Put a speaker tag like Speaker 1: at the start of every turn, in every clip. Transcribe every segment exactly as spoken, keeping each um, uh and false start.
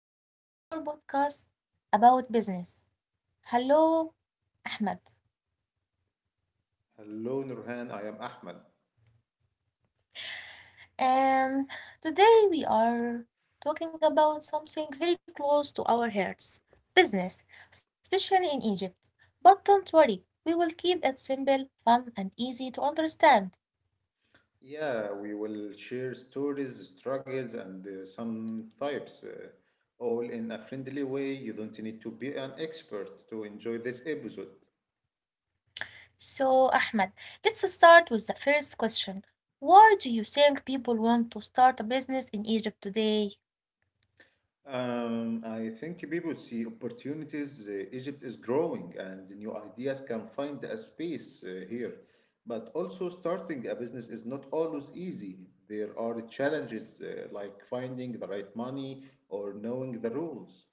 Speaker 1: Welcome to our podcast about business. Hello, Ahmed.
Speaker 2: Hello, Nurhan. I am Ahmed.
Speaker 1: Um, Today we are talking about something very close to our hearts business, especially in Egypt. But don't worry, we will keep it simple, fun, and easy to understand.
Speaker 2: Yeah, we will share stories, struggles, and uh, some types, uh, all in a friendly way. You don't need to be an expert to enjoy this episode.
Speaker 1: So, Ahmed, let's start with the first question. Why do you think people want to start a business in Egypt today?
Speaker 2: Um, I think people see opportunities. Uh, Egypt is growing, and new ideas can find a space uh, here. But also, starting a business is not always easy. There are challenges uh, like finding the right money or knowing the rules.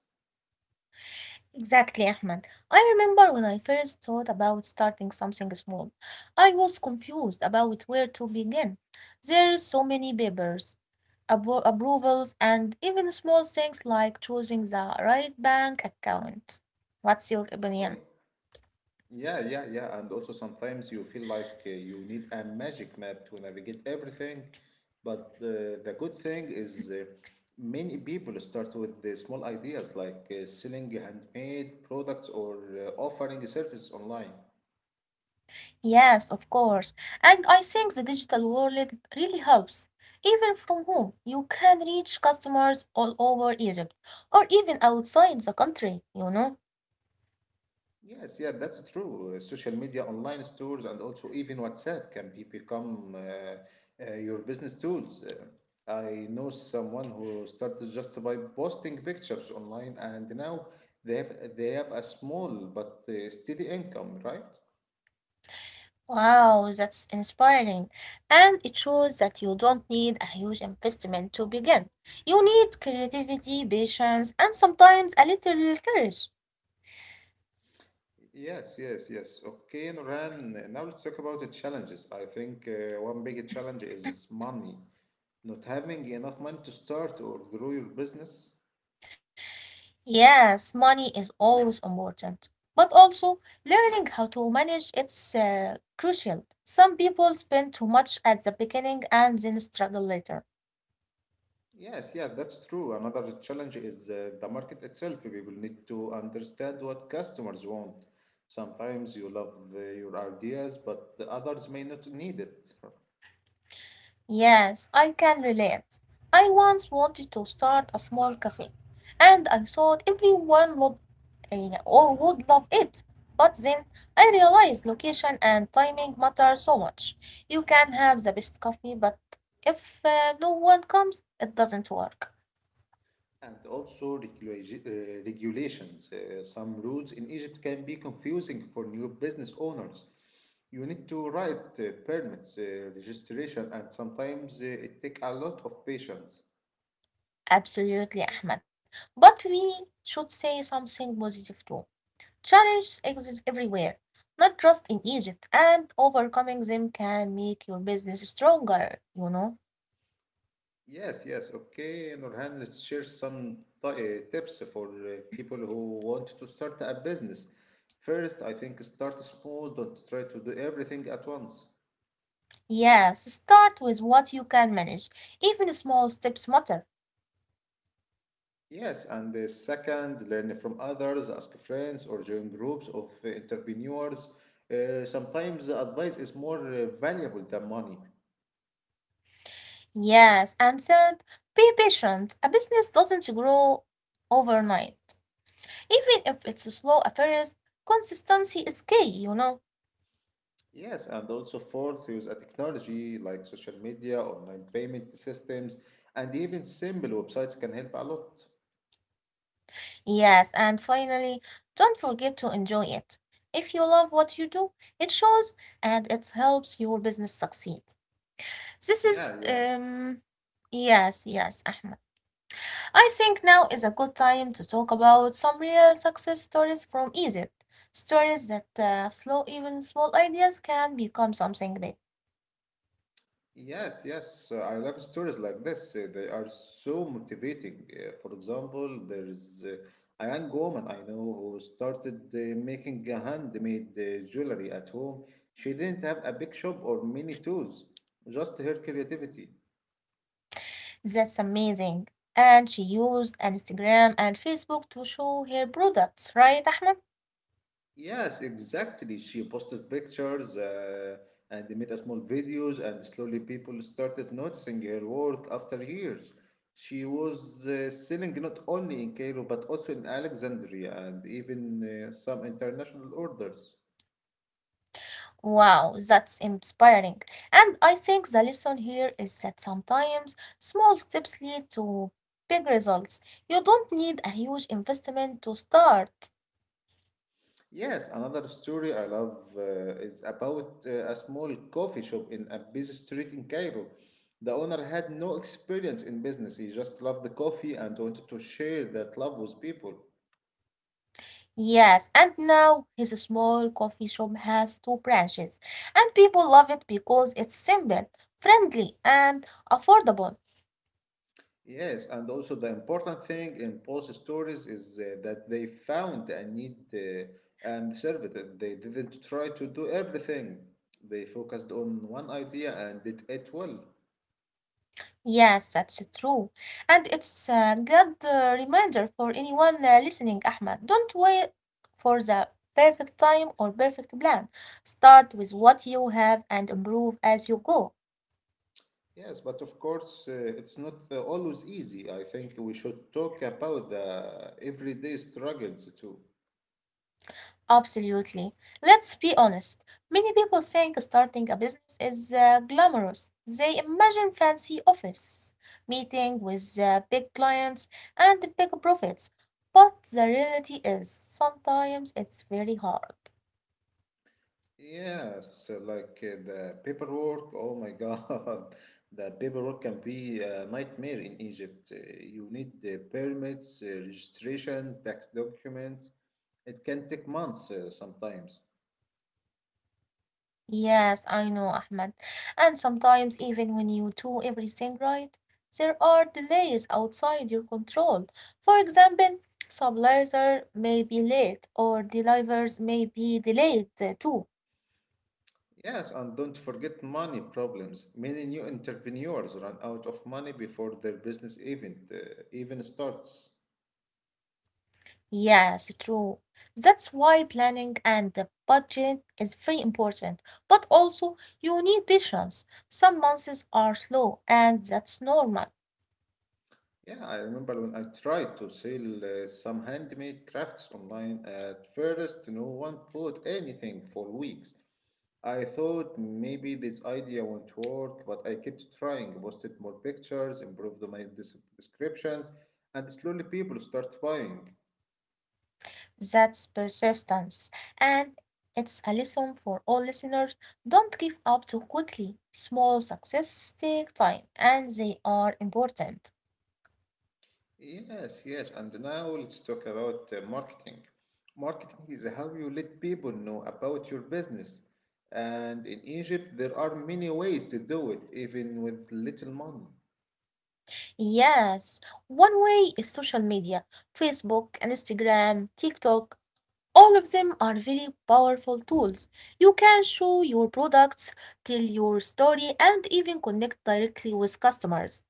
Speaker 1: Exactly, Ahmed. I remember when I first thought about starting something small. I was confused about where to begin. There are so many papers, appro- approvals, and even small things like choosing the right bank account. What's your opinion?
Speaker 2: Yeah, yeah, yeah. And also sometimes you feel like uh, you need a magic map to navigate everything. But uh, the good thing is, uh, many people start with the small ideas like uh, selling handmade products or uh, offering a service online.
Speaker 1: Yes, of course. And I think the digital world really helps. Even from home, you can reach customers all over Egypt or even outside the country, you know.
Speaker 2: Yes, yeah, that's true. Uh, Social media, online stores, and also even WhatsApp can be become uh, uh, your business tools. Uh, I know someone who started just by posting pictures online, and now they have they have a small but uh, steady income, right?
Speaker 1: Wow, that's inspiring. And it shows that you don't need a huge investment to begin. You need creativity, patience, and sometimes a little courage.
Speaker 2: Yes, yes, yes. Okay, Noran, now let's talk about the challenges. I think uh, one big challenge is money. Not having enough money to start or grow your business.
Speaker 1: Yes, money is always important, but also learning how to manage it's uh, crucial. Some people spend too much at the beginning and then struggle later.
Speaker 2: Yes, yeah, that's true. Another challenge is uh, the market itself. People need to understand what customers want. Sometimes you love uh, your ideas, but the others may not need it.
Speaker 1: Yes, I can relate. I once wanted to start a small cafe, and I thought everyone would eh, or would love it. But then I realized location and timing matter so much. You can have the best coffee, but if uh, no one comes, it doesn't work.
Speaker 2: And also regulati- uh, regulations. Uh, some rules in Egypt can be confusing for new business owners. You need to write uh, permits, uh, registration, and sometimes uh, it takes a lot of patience.
Speaker 1: Absolutely, Ahmed. But we should say something positive too. Challenges exist everywhere, not just in Egypt, and overcoming them can make your business stronger, you know?
Speaker 2: Yes, yes. Okay, Nurhan, let's share some t- uh, tips for uh, people who want to start a business. First, I think start small, don't try to do everything at once.
Speaker 1: Yes, start with what you can manage. Even small steps matter.
Speaker 2: Yes, and the second, learn from others, ask friends, or join groups of uh, entrepreneurs. Uh, sometimes the advice is more uh, valuable than money.
Speaker 1: Yes, and third, be patient. A business doesn't grow overnight. Even if it's slow at first, consistency is key, you know?
Speaker 2: Yes, and also fourth, use a technology like social media, online payment systems, and even simple websites can help a lot.
Speaker 1: Yes, and finally, don't forget to enjoy it. If you love what you do, it shows and it helps your business succeed. This is,
Speaker 2: Yeah, yeah.
Speaker 1: um, yes, yes, Ahmed. I think now is a good time to talk about some real success stories from Egypt. Stories that uh, slow, even small ideas can become something big.
Speaker 2: Yes, yes. uh, I love stories like this. Uh, They are so motivating. Uh, For example, there is, uh, a young woman I know who started uh, making a handmade uh, jewelry at home. She didn't have a big shop or many tools, just her creativity.
Speaker 1: That's amazing. And she used Instagram and Facebook to show her products, right, Ahmed?
Speaker 2: Yes, exactly. She posted pictures, uh, and they made a small videos, and slowly people started noticing her work after years. She was uh, selling not only in Cairo but also in Alexandria and even uh, some international orders.
Speaker 1: Wow, that's inspiring. And I think the lesson here is that sometimes small steps lead to big results. You don't need a huge investment to start.
Speaker 2: Yes, another story I love, uh, is about uh, a small coffee shop in a busy street in Cairo. The owner had no experience in business, he just loved the coffee and wanted to share that love with people.
Speaker 1: Yes, and now his small coffee shop has two branches, and people love it because it's simple, friendly, and affordable.
Speaker 2: Yes, and also the important thing in post stories is, uh, that they found a need, uh, and served it. They didn't try to do everything. They focused on one idea and did it well.
Speaker 1: Yes, that's true. And it's a good uh, reminder for anyone uh, listening, Ahmed. Don't wait for the perfect time or perfect plan. Start with what you have and improve as you go.
Speaker 2: Yes, but of course, uh, it's not uh, always easy. I think we should talk about the everyday struggles too.
Speaker 1: Absolutely. Let's be honest. Many people think starting a business is uh, glamorous. They imagine fancy office, meeting with uh, big clients and big profits. But the reality is, sometimes it's very hard.
Speaker 2: Yes, like uh, the paperwork. Oh my God, the paperwork can be a nightmare in Egypt. Uh, You need the permits, uh, registrations, tax documents. It can take months uh, sometimes.
Speaker 1: Yes, I know, Ahmed. And sometimes, even when you do everything right, there are delays outside your control. For example, suppliers may be late or delivers may be delayed uh, too.
Speaker 2: Yes, and don't forget money problems. Many new entrepreneurs run out of money before their business event, uh, even starts.
Speaker 1: Yes, true. That's why planning and the budget is very important. But also, you need patience. Some months are slow, and that's normal.
Speaker 2: Yeah, I remember when I tried to sell uh, some handmade crafts online. At first, no one bought anything for weeks. I thought maybe this idea won't work, but I kept trying, posted more pictures, improved my des- descriptions, and slowly people start buying.
Speaker 1: That's persistence. And it's a lesson for all listeners. Don't give up too quickly. Small success take time, and they are important.
Speaker 2: Yes, yes, and now let's talk about uh, marketing. Marketing is how you let people know about your business. And in Egypt, there are many ways to do it, even with little money.
Speaker 1: Yes, one way is social media, Facebook, Instagram, TikTok. All of them are very powerful tools. You can show your products, tell your story, and even connect directly with customers.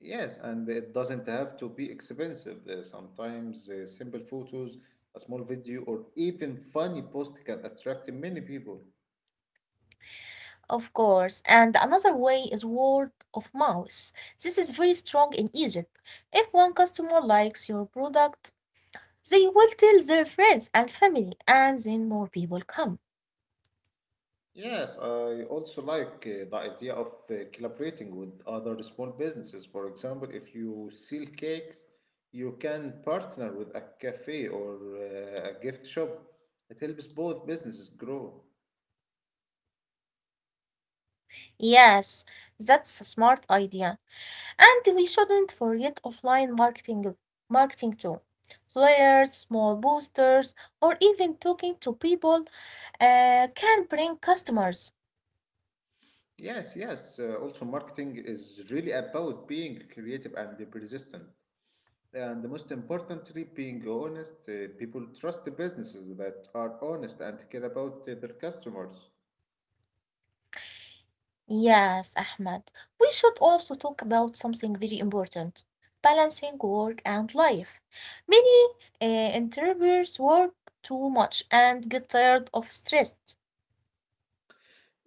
Speaker 2: Yes, and it doesn't have to be expensive. Uh, sometimes uh, simple photos, a small video, or even funny post can attract many people.
Speaker 1: Of course, and another way is word of mouth. This is very strong in Egypt. If one customer likes your product, they will tell their friends and family, and then more people come.
Speaker 2: Yes, I also like uh, the idea of uh, collaborating with other small businesses. For example, if you sell cakes, you can partner with a cafe or uh, a gift shop. It helps both businesses grow.
Speaker 1: Yes, that's a smart idea. And we shouldn't forget offline marketing, marketing too. Flyers, small boosters, or even talking to people uh, can bring customers.
Speaker 2: Yes, yes. Uh, also, marketing is really about being creative and persistent. And the most importantly, being honest. Uh, people trust the businesses that are honest and care about uh, their customers.
Speaker 1: Yes, Ahmed. We should also talk about something very important balancing work and life. Many uh, entrepreneurs work too much and get tired of stress.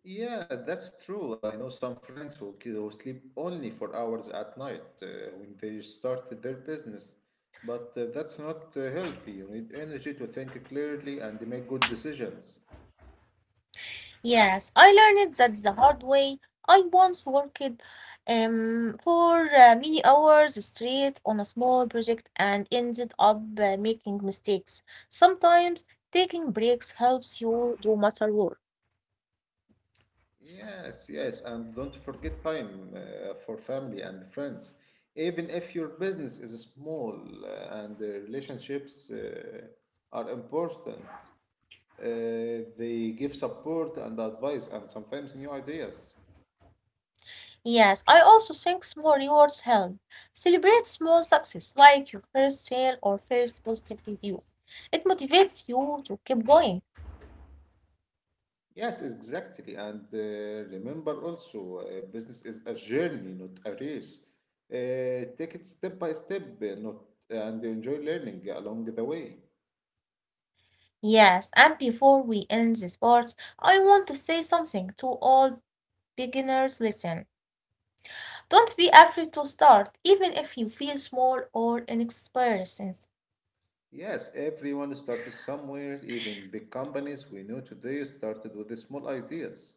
Speaker 2: Yeah, that's true. I know some friends who, ki- who sleep only for hours at night uh, when they started their business. But uh, that's not uh, healthy. You need energy to think clearly and make good decisions.
Speaker 1: Yes, I learned that the hard way. I once worked um, for uh, many hours straight on a small project and ended up uh, making mistakes. Sometimes taking breaks helps you do matter work.
Speaker 2: Yes, yes, and don't forget time uh, for family and friends. Even if your business is small, uh, and the relationships uh, are important, uh, they give support and advice and sometimes new ideas.
Speaker 1: Yes, I also think small rewards help. Celebrate small success like your first sale or first positive review. It motivates you to keep going.
Speaker 2: Yes, exactly. And uh, remember also, uh, business is a journey, not a race. Uh, take it step by step, uh, not and enjoy learning along the way.
Speaker 1: Yes, and before we end this part, I want to say something to all Beginners, listen. Don't be afraid to start, even if you feel small or inexperienced.
Speaker 2: Yes, everyone started somewhere. Even big companies we know today started with the small ideas.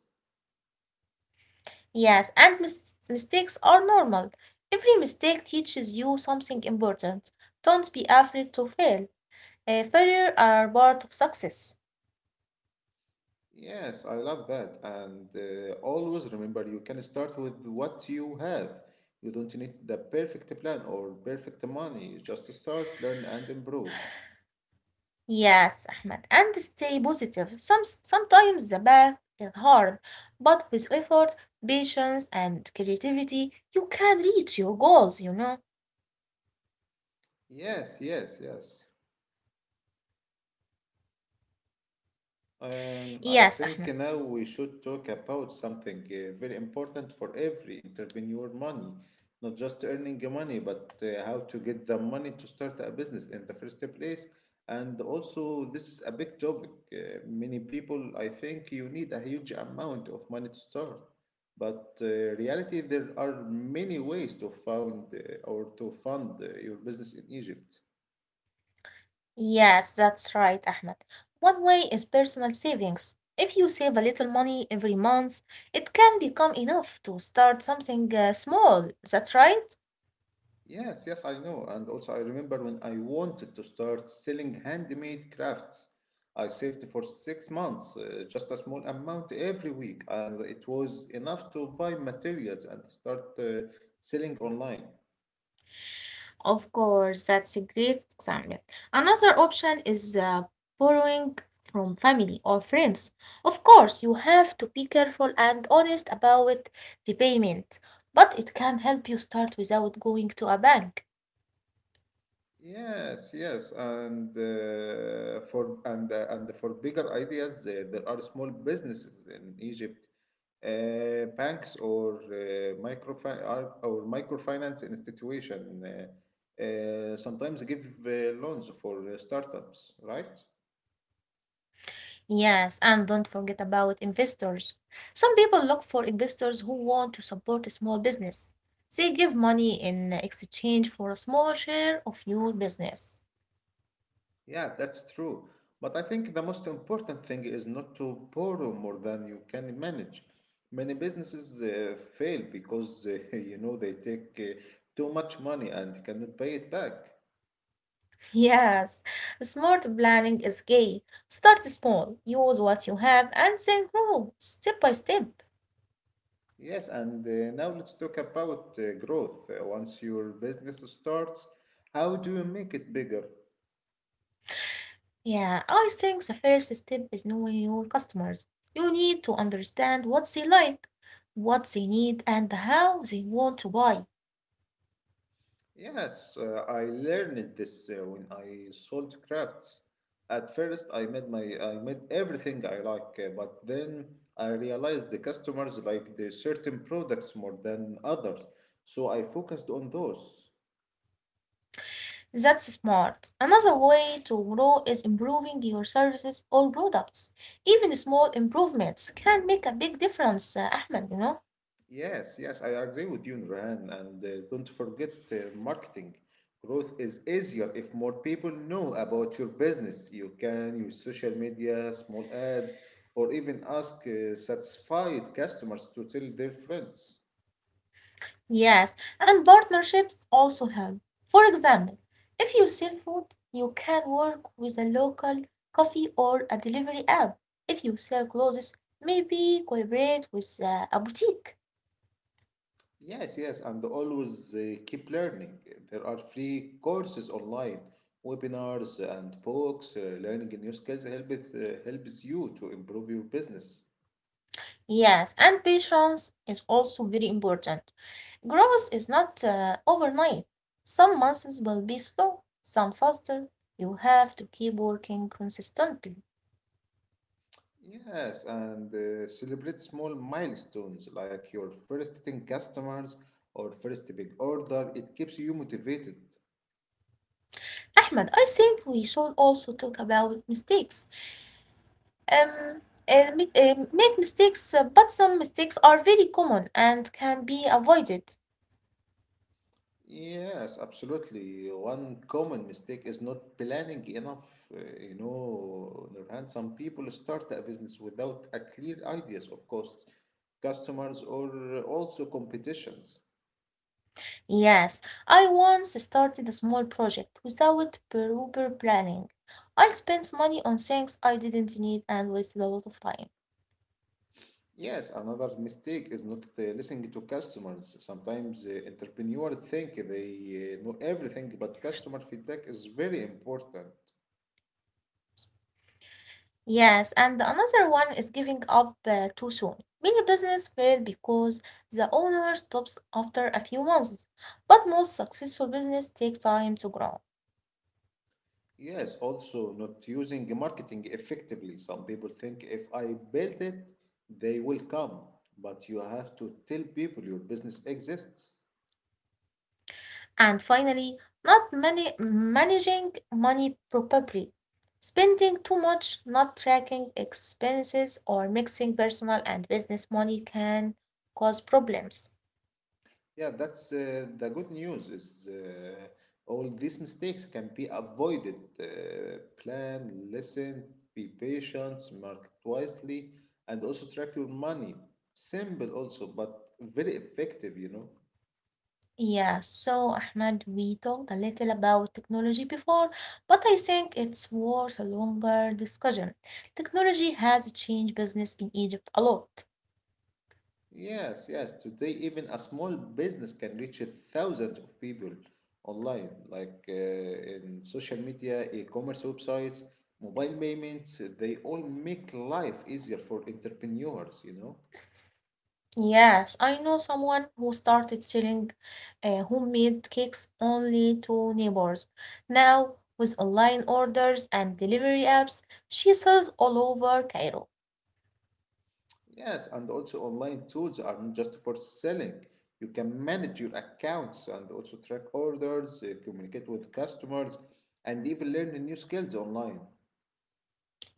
Speaker 1: Yes, and mis- mistakes are normal. Every mistake teaches you something important. Don't be afraid to fail. Uh, failure are part of success.
Speaker 2: Yes, I love that. And uh, always remember you can start with what you have. You don't need the perfect plan or perfect money. Just start, learn, and improve.
Speaker 1: Yes, Ahmed, and stay positive. Some sometimes the path is hard, but with effort, patience, and creativity, you can reach your goals. You know.
Speaker 2: Yes, yes, yes. Um,
Speaker 1: Yes,
Speaker 2: I
Speaker 1: Ahmed.
Speaker 2: think now we should talk about something uh, very important for every entrepreneur money, not just earning money, but uh, how to get the money to start a business in the first place. And also, this is a big topic. Uh, many people, I think you need a huge amount of money to start. But uh, reality, there are many ways to found, uh, or to fund uh, your business in Egypt.
Speaker 1: Yes, that's right, Ahmed. One way is personal savings. If you save a little money every month, it can become enough to start something uh, small. That's right?
Speaker 2: Yes, yes, I know. And also, I remember when I wanted to start selling handmade crafts. I saved for six months, uh, just a small amount every week, and it was enough to buy materials and start uh, selling online.
Speaker 1: Of course, that's a great example. Another option is uh, borrowing from family or friends. Of course, you have to be careful and honest about repayment, but it can help you start without going to a bank.
Speaker 2: Yes, yes, and uh, for and uh, and for bigger ideas, uh, there are small businesses in Egypt, uh, banks or uh, microfi- are- or microfinance institution, uh, uh, sometimes give uh, loans for uh, startups, right?
Speaker 1: Yes, and don't forget about investors. Some people look for investors who want to support a small business. They give money in exchange for a small share of your business.
Speaker 2: Yeah, that's true. But I think the most important thing is not to borrow more than you can manage. Many businesses uh, fail because, uh, you know, they take uh, too much money and cannot pay it back.
Speaker 1: Yes, smart planning is key. Start small, use what you have, and then grow step by step.
Speaker 2: Yes, and uh, now let's talk about uh, growth. Uh, once your business starts, how do you make it bigger?
Speaker 1: Yeah, I think the first step is knowing your customers. You need to understand what they like, what they need, and how they want to buy.
Speaker 2: Yes, uh, I learned this uh, when I sold crafts. At first, I made my I made everything I like, uh, but then I realized the customers like the certain products more than others, so I focused on those.
Speaker 1: That's smart. Another way to grow is improving your services or products. Even small improvements can make a big difference, uh, Ahmed, you know?
Speaker 2: Yes, yes, I agree with you, Nurhan. And uh, don't forget uh, marketing. Growth is easier if more people know about your business. You can use social media, small ads, or even ask uh, satisfied customers to tell their friends.
Speaker 1: Yes, and partnerships also help. For example, if you sell food, you can work with a local coffee or a delivery app. If you sell clothes, maybe collaborate with uh, a boutique.
Speaker 2: Yes, yes, and always uh, keep learning. There are free courses online, webinars, and books. Uh, learning new skills helps, uh, helps you to improve your business.
Speaker 1: Yes, and patience is also very important. Growth is not uh, overnight. Some months will be slow, some faster. You have to keep working consistently.
Speaker 2: Yes, and uh, celebrate small milestones like your first ten customers or first big order. It keeps you motivated.
Speaker 1: Ahmed, I think we should also talk about mistakes. Um, uh, mi- uh, Make mistakes, uh, but some mistakes are very common and can be avoided.
Speaker 2: Yes, absolutely. One common mistake is not planning enough. Uh, you know, on the other hand, some people start a business without a clear ideas of costs, customers, or uh, also competitions.
Speaker 1: Yes, I once started a small project without proper planning. I spent money on things I didn't need and wasted a lot of time.
Speaker 2: Yes, another mistake is not uh, listening to customers. Sometimes uh, entrepreneurs think they uh, know everything, but customer feedback is very important.
Speaker 1: Yes, and another one is giving up uh, too soon. Many business fail because the owner stops after a few months, but most successful business take time to grow.
Speaker 2: Yes, also not using marketing effectively. Some people think if I build it, they will come, but you have to tell people your business exists.
Speaker 1: And finally, not many managing money properly, spending too much, not tracking expenses, or mixing personal and business money can cause problems.
Speaker 2: Yeah, that's, uh, the good news is, uh, all these mistakes can be avoided. Uh, plan, listen, be patient, market wisely, and also track your money. Simple also, but very effective, you know.
Speaker 1: Yeah, so Ahmed, we talked a little about technology before, but I think it's worth a longer discussion. Technology has changed business in Egypt a lot.
Speaker 2: Yes, yes. Today, even a small business can reach thousands of people online, like uh, in social media, e-commerce websites, mobile payments. They all make life easier for entrepreneurs, you know.
Speaker 1: Yes, I know someone who started selling uh, homemade cakes only to neighbors. Now, with online orders and delivery apps, she sells all over Cairo.
Speaker 2: Yes, and also online tools are not just for selling. You can manage your accounts and also track orders, uh, communicate with customers, and even learn new skills online.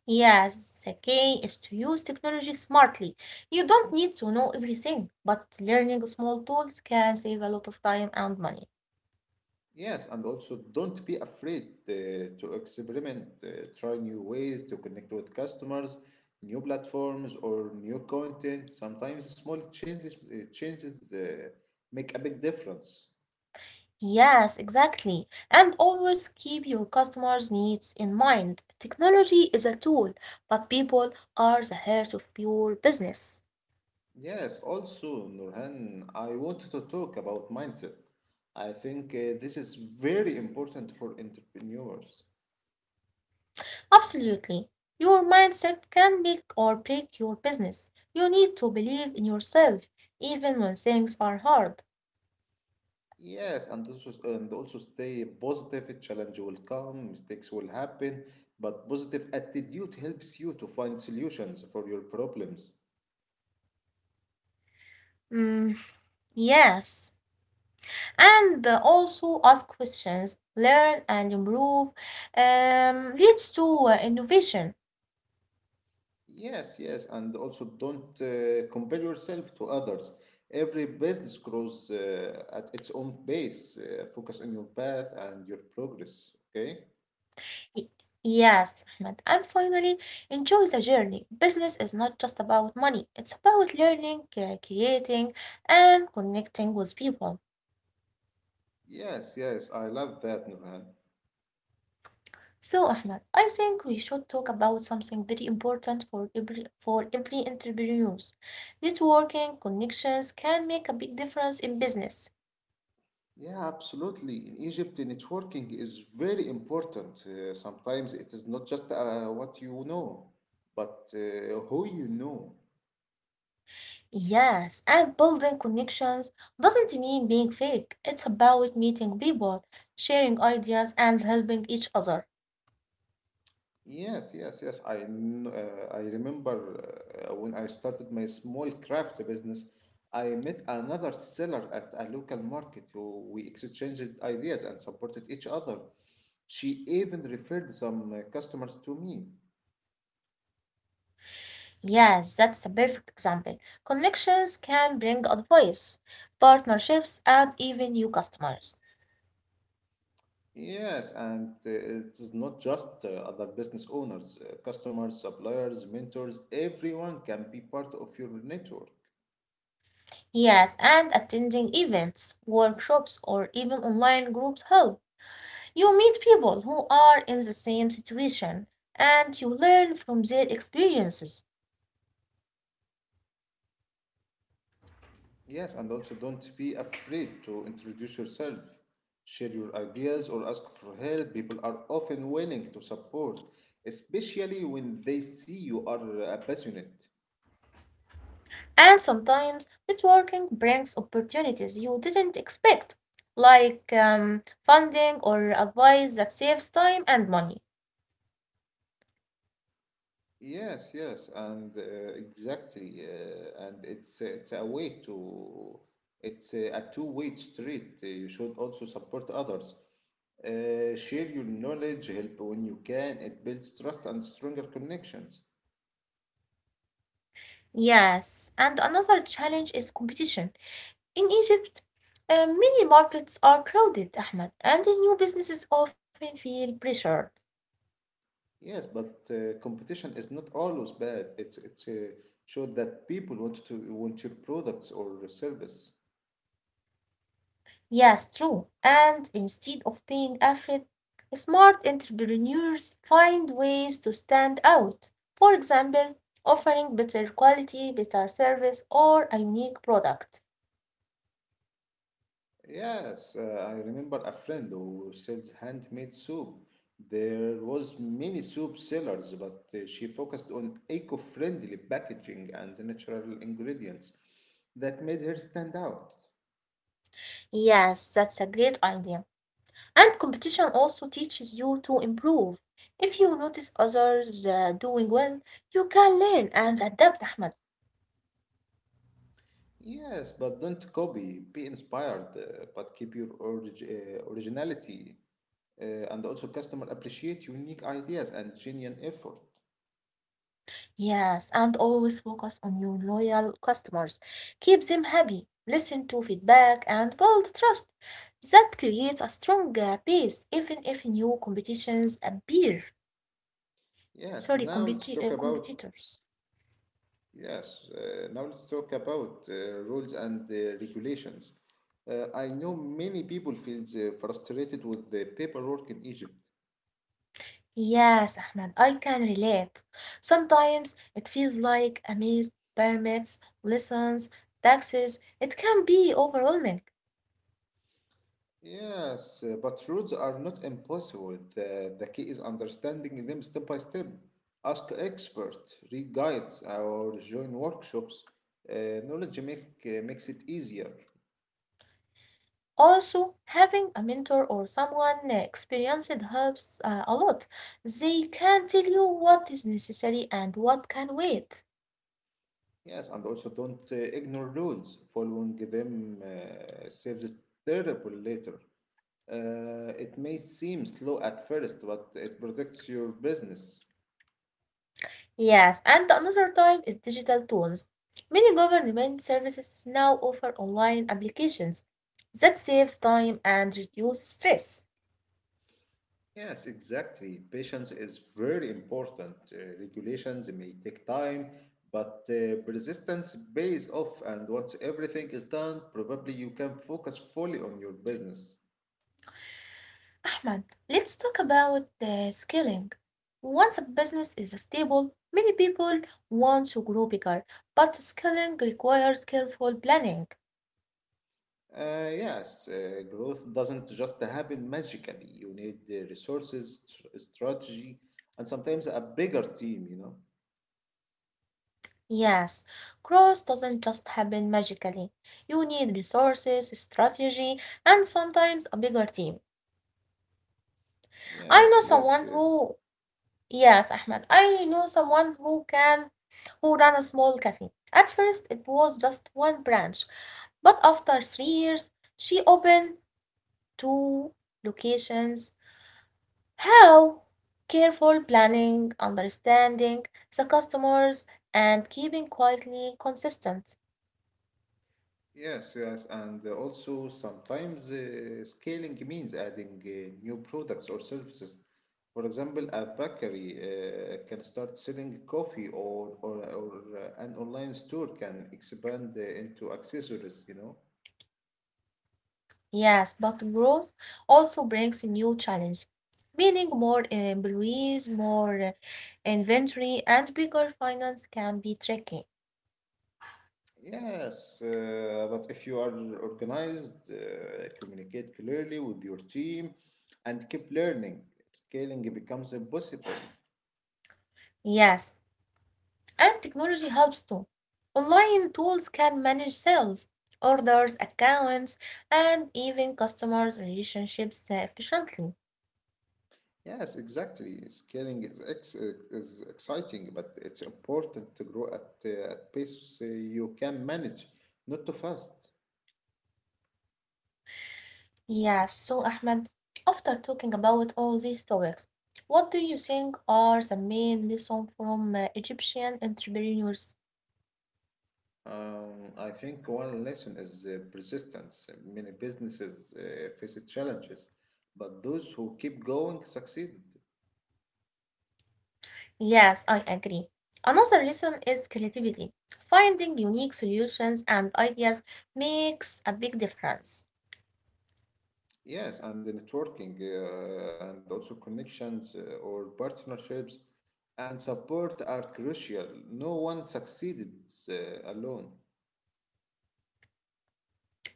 Speaker 1: Yes, the key is to use technology smartly. You don't need to know everything, but learning small tools can save a lot of time and money.
Speaker 2: Yes, and also don't be afraid uh, to experiment, uh, try new ways to connect with customers, new platforms, or new content. Sometimes small changes, uh, changes uh, make a big difference.
Speaker 1: Yes, exactly. And always keep your customers' needs in mind. Technology is a tool, but people are the heart of your business.
Speaker 2: Yes, also, Nurhan, I wanted to talk about mindset. I think uh, this is very important for entrepreneurs.
Speaker 1: Absolutely. Your mindset can make or break your business. You need to believe in yourself, even when things are hard.
Speaker 2: Yes, and also, and also stay positive. Challenge will come, mistakes will happen, but positive attitude helps you to find solutions for your problems.
Speaker 1: Mm, yes. And uh, also ask questions, learn and improve, um, leads to uh, innovation.
Speaker 2: Yes, yes, and also don't uh, compare yourself to others. Every business grows uh, at its own pace. Uh, focus on your path and your progress, okay?
Speaker 1: Y- Yes, Ahmed. And finally, enjoy the journey. Business is not just about money, it's about learning, uh, creating, and connecting with people.
Speaker 2: Yes, yes, I love that, Nurhan.
Speaker 1: So, Ahmed, I think we should talk about something very important for every for every entrepreneurs. Networking connections can make a big difference in business.
Speaker 2: Yeah, absolutely. In Egypt, the networking is very important. Uh, sometimes it is not just uh, what you know, but uh, who you know.
Speaker 1: Yes, and building connections doesn't mean being fake. It's about meeting people, sharing ideas, and helping each other.
Speaker 2: Yes, yes, yes. I kn- uh, I remember uh, when I started my small craft business, I met another seller at a local market who we exchanged ideas and supported each other. She even referred some uh, customers to me.
Speaker 1: Yes, that's a perfect example. Connections can bring advice, partnerships, and even new customers.
Speaker 2: Yes, and uh, it is not just uh, other business owners, uh, customers, suppliers, mentors, everyone can be part of your network.
Speaker 1: Yes, and attending events, workshops, or even online groups help. You meet people who are in the same situation and you learn from their experiences.
Speaker 2: Yes, and also don't be afraid to introduce yourself, share your ideas, or ask for help. People are often willing to support, especially when they see you are uh, passionate.
Speaker 1: And sometimes networking brings opportunities you didn't expect, like um, funding or advice that saves time and money.
Speaker 2: Yes, yes, and uh, exactly, uh, and it's it's a way to it's a, a two-way street. Uh, You should also support others, uh, share your knowledge, help when you can. It builds trust and stronger connections.
Speaker 1: Yes, and another challenge is competition. In Egypt, uh, many markets are crowded, Ahmed, and the new businesses often feel pressured.
Speaker 2: Yes, but uh, competition is not always bad. It's it's uh, show that people want to want your products or service.
Speaker 1: Yes, true. And instead of being afraid, smart entrepreneurs find ways to stand out. For example, offering better quality, better service, or a unique product.
Speaker 2: Yes, uh, I remember a friend who sells handmade soup. There was many soup sellers, but uh, she focused on eco-friendly packaging and natural ingredients that made her stand out.
Speaker 1: Yes, that's a great idea. And competition also teaches you to improve. If you notice others uh, doing well, you can learn and adapt, Ahmed.
Speaker 2: Yes, but don't copy, be inspired, uh, but keep your orig- uh, originality uh, and also customer appreciate unique ideas and genuine effort.
Speaker 1: Yes, and always focus on your loyal customers. Keep them happy, listen to feedback, and build trust. That creates a strong uh, base, even if new competitions appear.
Speaker 2: Yes,
Speaker 1: Sorry,
Speaker 2: now let's
Speaker 1: competi-
Speaker 2: talk
Speaker 1: uh,
Speaker 2: about.
Speaker 1: competitors.
Speaker 2: Yes, uh, now let's talk about uh, rules and uh, regulations. Uh, I know many people feel uh, frustrated with the paperwork in Egypt.
Speaker 1: Yes, Ahmed, I can relate. Sometimes it feels like a maze, permits, lessons, taxes. It can be overwhelming.
Speaker 2: Yes, uh, but rules are not impossible. The, the key is understanding them step by step. Ask experts, read guides, or join workshops. Uh, knowledge make, uh, makes it easier.
Speaker 1: Also, having a mentor or someone uh, experienced helps uh, a lot. They can tell you what is necessary and what can wait.
Speaker 2: Yes, and also don't uh, ignore rules. Following them uh, saves it terrible later. Uh, it may seem slow at first, but it protects your business.
Speaker 1: Yes, and another time is digital tools. Many government services now offer online applications that saves time and reduces stress.
Speaker 2: Yes, exactly. Patience is very important. Uh, regulations may take time, but uh, persistence pays off, and once everything is done, probably you can focus fully on your business.
Speaker 1: Ahmed, let's talk about the scaling. Once a business is stable, many people want to grow bigger, but scaling requires careful planning.
Speaker 2: Uh, yes, uh, growth doesn't just happen magically. You need the resources, tr- strategy, and sometimes a bigger team, you know.
Speaker 1: Yes, growth doesn't just happen magically. You need resources, strategy, and sometimes a bigger team. I know
Speaker 2: Yes, yes,
Speaker 1: someone
Speaker 2: yes.
Speaker 1: who, yes, Ahmed, I know someone who can, Who ran a small cafe. At first, it was just one branch, but after three years, she opened two locations. How? Careful planning, understanding the customers, and keeping quietly consistent.
Speaker 2: Yes, yes, and uh, also sometimes uh, scaling means adding uh, new products or services. For example, a bakery uh, can start selling coffee, or or, or uh, an online store can expand uh, into accessories, you know.
Speaker 1: Yes, but growth also brings new challenges, meaning more employees, more uh, inventory, and bigger finance can be tricky.
Speaker 2: Yes, uh, but if you are organized, uh, communicate clearly with your team, and keep learning, scaling becomes impossible.
Speaker 1: Yes, and technology helps too. Online tools can manage sales, orders, accounts, and even customers' relationships efficiently.
Speaker 2: Yes, exactly. Scaling is ex is exciting, but it's important to grow at uh, at pace uh, you can manage, not too fast.
Speaker 1: Yes, so Ahmed, after talking about all these topics, what do you think are the main lesson from uh, Egyptian entrepreneurs?
Speaker 2: Um, I think one lesson is uh, persistence. Many businesses uh, face challenges, but those who keep going succeeded.
Speaker 1: Yes, I agree. Another reason is creativity. Finding unique solutions and ideas makes a big difference.
Speaker 2: Yes, and the networking uh, and also connections uh, or partnerships and support are crucial. No one succeeded uh, alone.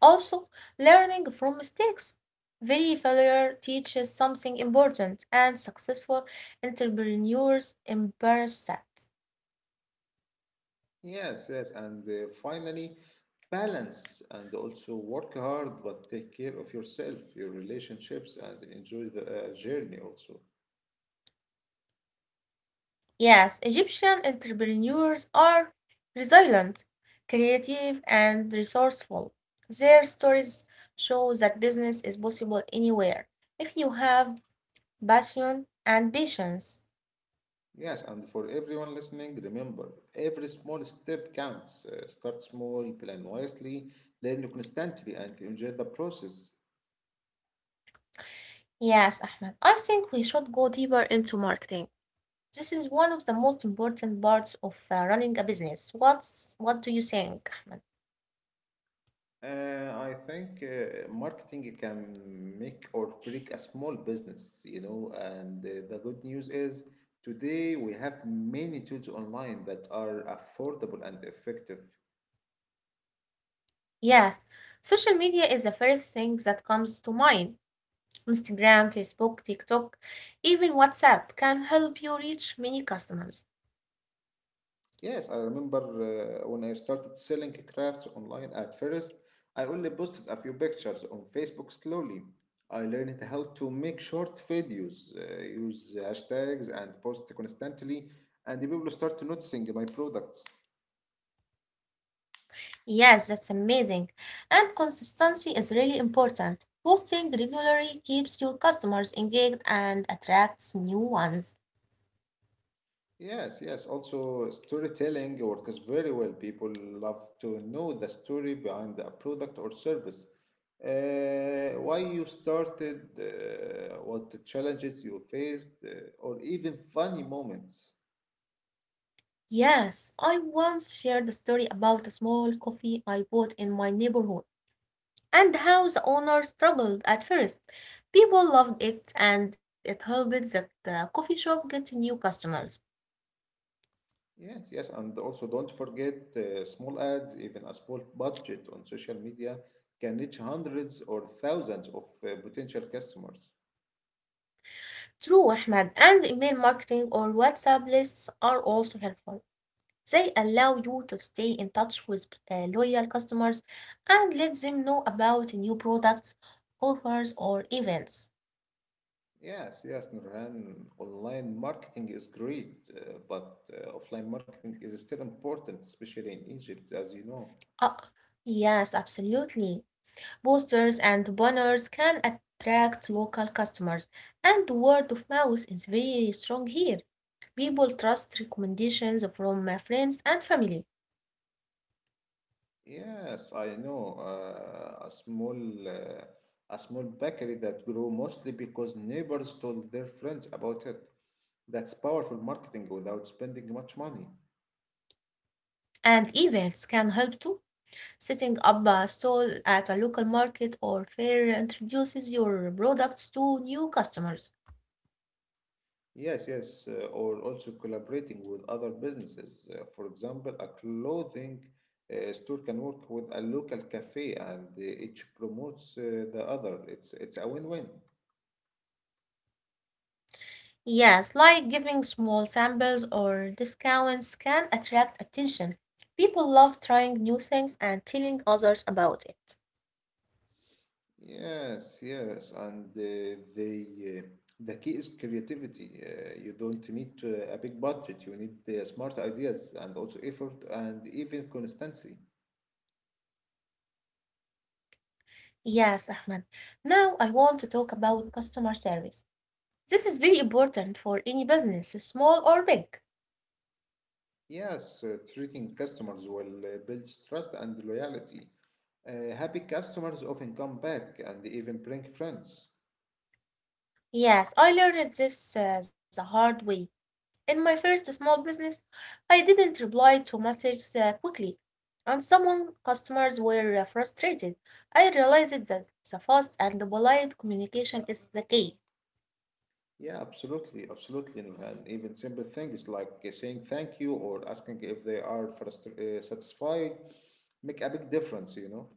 Speaker 1: Also, learning from mistakes. Very failure teaches something important, and successful entrepreneurs embrace that.
Speaker 2: Yes, yes, and uh, finally, balance and also work hard, but take care of yourself, your relationships, and enjoy the uh, journey also.
Speaker 1: Yes, Egyptian entrepreneurs are resilient, creative, and resourceful. Their stories show that business is possible anywhere if you have passion and patience.
Speaker 2: Yes, and for everyone listening, remember every small step counts. Uh, start small, plan wisely, learn constantly, and enjoy the process.
Speaker 1: Yes, Ahmed, I think we should go deeper into marketing. This is one of the most important parts of uh, running a business. What's what do you think, Ahmed?
Speaker 2: Uh, I think uh, marketing can make or break a small business, you know, and uh, the good news is today we have many tools online that are affordable and effective.
Speaker 1: Yes, social media is the first thing that comes to mind. Instagram, Facebook, TikTok, even WhatsApp can help you reach many customers.
Speaker 2: Yes, I remember uh, when I started selling crafts online at first, I only posted a few pictures on Facebook slowly. I learned how to make short videos, uh, use hashtags, and post constantly, and the people start noticing my products.
Speaker 1: Yes, that's amazing. And consistency is really important. Posting regularly keeps your customers engaged and attracts new ones.
Speaker 2: Yes, yes. Also, storytelling works very well. People love to know the story behind a product or service. Uh, why you started, uh, what the challenges you faced, uh, or even funny moments.
Speaker 1: Yes, I once shared a story about a small coffee I bought in my neighborhood and how the owner struggled at first. People loved it and it helped that the coffee shop get new customers.
Speaker 2: Yes, yes. And also, don't forget uh, small ads, even a small budget on social media can reach hundreds or thousands of uh, potential customers.
Speaker 1: True, Ahmed, and email marketing or WhatsApp lists are also helpful. They allow you to stay in touch with uh, loyal customers and let them know about new products, offers, or events.
Speaker 2: Yes, yes, Nurhan. Online marketing is great, uh, but uh, offline marketing is still important, especially in Egypt, as you know.
Speaker 1: Uh, yes, absolutely. Posters and banners can attract local customers, and word of mouth is very strong here. People trust recommendations from uh, friends and family,
Speaker 2: Yes, I know. Uh, a small, uh, a small bakery that grew mostly because neighbors told their friends about it. That's powerful marketing without spending much money.
Speaker 1: and events can help too. Setting up a stall at a local market or fair introduces your products to new customers.
Speaker 2: Yes, yes, uh, or also collaborating with other businesses. Uh, for example, a clothing uh, store can work with a local cafe and uh, each promotes uh, the other. It's it's a win-win.
Speaker 1: Yes, like giving small samples or discounts can attract attention. People love trying new things and telling others about it.
Speaker 2: Yes, yes, and uh, the uh, the key is creativity. Uh, you don't need uh, a big budget. You need uh, smart ideas and also effort and even consistency.
Speaker 1: Yes, Ahmed. Now I want to talk about customer service. This is very important for any business, small or big.
Speaker 2: Yes, uh, treating customers will uh, build trust and loyalty. Uh, happy customers often come back and even bring friends.
Speaker 1: Yes, I learned this uh, the hard way. In my first small business, I didn't reply to messages uh, quickly, and some customers were uh, frustrated. I realized that the fast and polite communication is the key.
Speaker 2: Yeah, absolutely, absolutely. And and even simple things like uh, saying thank you or asking if they are frustr uh, satisfied make a big difference, you know.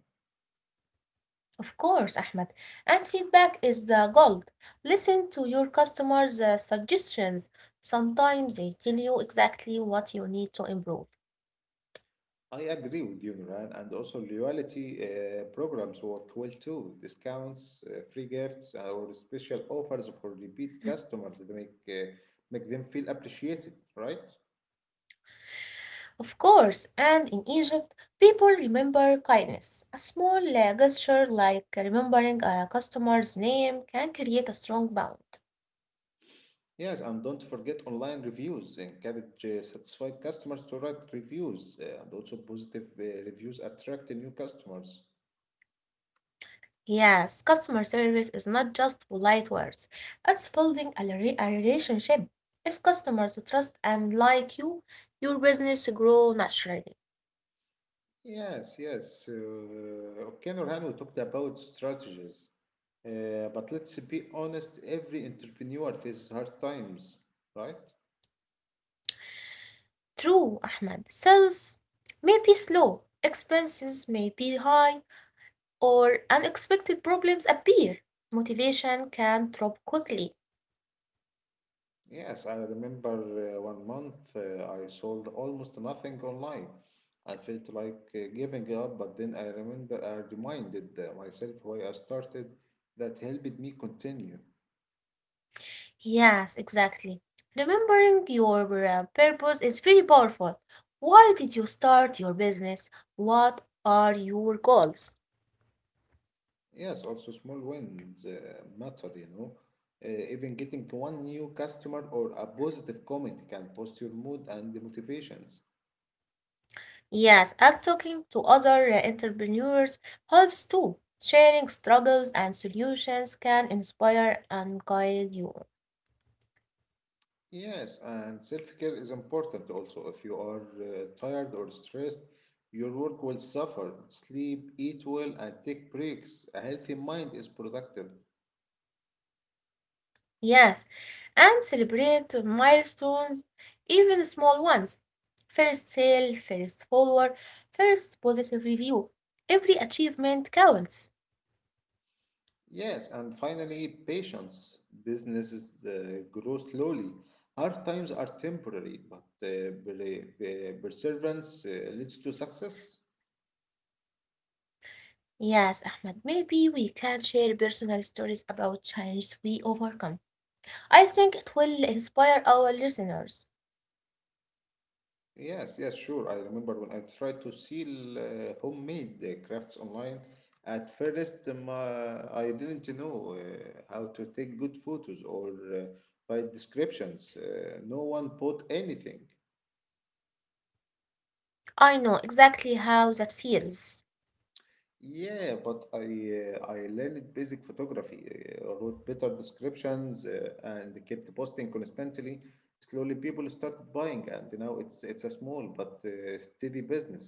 Speaker 1: Of course, Ahmed. And feedback is the gold. Listen to your customers' uh, suggestions. Sometimes they tell you exactly what you need to improve.
Speaker 2: I agree with you, Nuran, and also loyalty uh, programs work well too. Discounts, uh, free gifts, uh, or special offers for repeat customers that make uh, make them feel appreciated, right?
Speaker 1: Of course, and in Egypt, people remember kindness. A small uh, gesture like remembering a customer's name can create a strong bond.
Speaker 2: Yes, and don't forget online reviews. Encourage uh, satisfied customers to write reviews, uh, and also positive uh, reviews attract new customers.
Speaker 1: Yes, customer service is not just polite words, it's building a, re- a relationship. If customers trust and like you, your business grow naturally.
Speaker 2: Yes, yes. Uh, okay, Nurhan, we talked about strategies, uh, but let's be honest. Every entrepreneur faces hard times, right?
Speaker 1: True, Ahmed. Sales may be slow, expenses may be high, or unexpected problems appear. Motivation can drop quickly.
Speaker 2: Yes, I remember uh, one month uh, I sold almost nothing online. I felt like uh, giving up, but then I remember I reminded uh, myself why I started. That helped me continue.
Speaker 1: Yes, exactly. Remembering your uh, purpose is very powerful. Why did you start your business? What are your goals?
Speaker 2: Yes, also small wins uh, matter, you know. Uh, even getting one new customer or a positive comment can boost your mood and the motivations.
Speaker 1: Yes, and talking to other uh, entrepreneurs helps too. Sharing struggles and solutions can inspire and guide you.
Speaker 2: Yes, and self-care is important also. If you are uh, tired or stressed, your work will suffer. Sleep, eat well, and take breaks. A healthy mind is productive.
Speaker 1: Yes, and celebrate milestones, even small ones. First sale, first follower, first positive review. Every achievement counts.
Speaker 2: Yes, and finally, patience. Businesses uh, grow slowly. Hard times are temporary, but uh, perseverance uh, leads to success.
Speaker 1: Yes, Ahmed, maybe we can share personal stories about challenges we overcome. I think it will inspire our listeners.
Speaker 2: Yes, yes, sure. I remember when I tried to sell uh, homemade uh, crafts online. At first, um, uh, I didn't know uh, how to take good photos or uh, write descriptions. Uh, no one bought anything.
Speaker 1: I know exactly how that feels.
Speaker 2: Yeah, but I uh, I learned basic photography, uh, wrote better descriptions, uh, and kept posting constantly. Slowly, people started buying, and now it's it's a small but uh, steady business.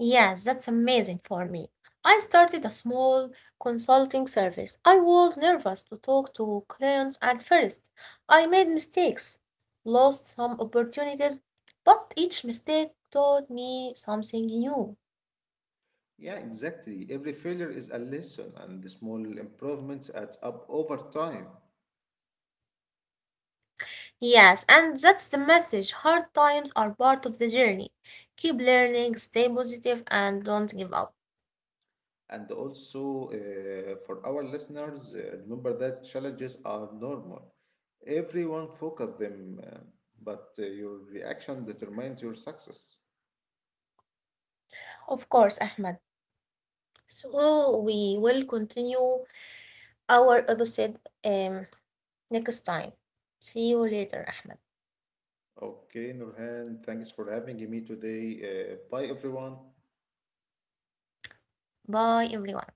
Speaker 1: Yes, that's amazing for me. I started a small consulting service. I was nervous to talk to clients at first. I made mistakes, lost some opportunities, but each mistake taught me something new.
Speaker 2: Yeah, exactly. Every failure is a lesson, and the small improvements add up over time.
Speaker 1: Yes, and that's the message. Hard times are part of the journey. Keep learning, stay positive, and don't give up.
Speaker 2: And also, uh, for our listeners, uh, remember that challenges are normal. Everyone focus them, uh, but uh, your reaction determines your success.
Speaker 1: Of course, Ahmed. So we will continue our episode um, next time. See you later, Ahmed.
Speaker 2: Okay, Nurhan, thanks for having me today. Uh, bye, everyone.
Speaker 1: Bye, everyone.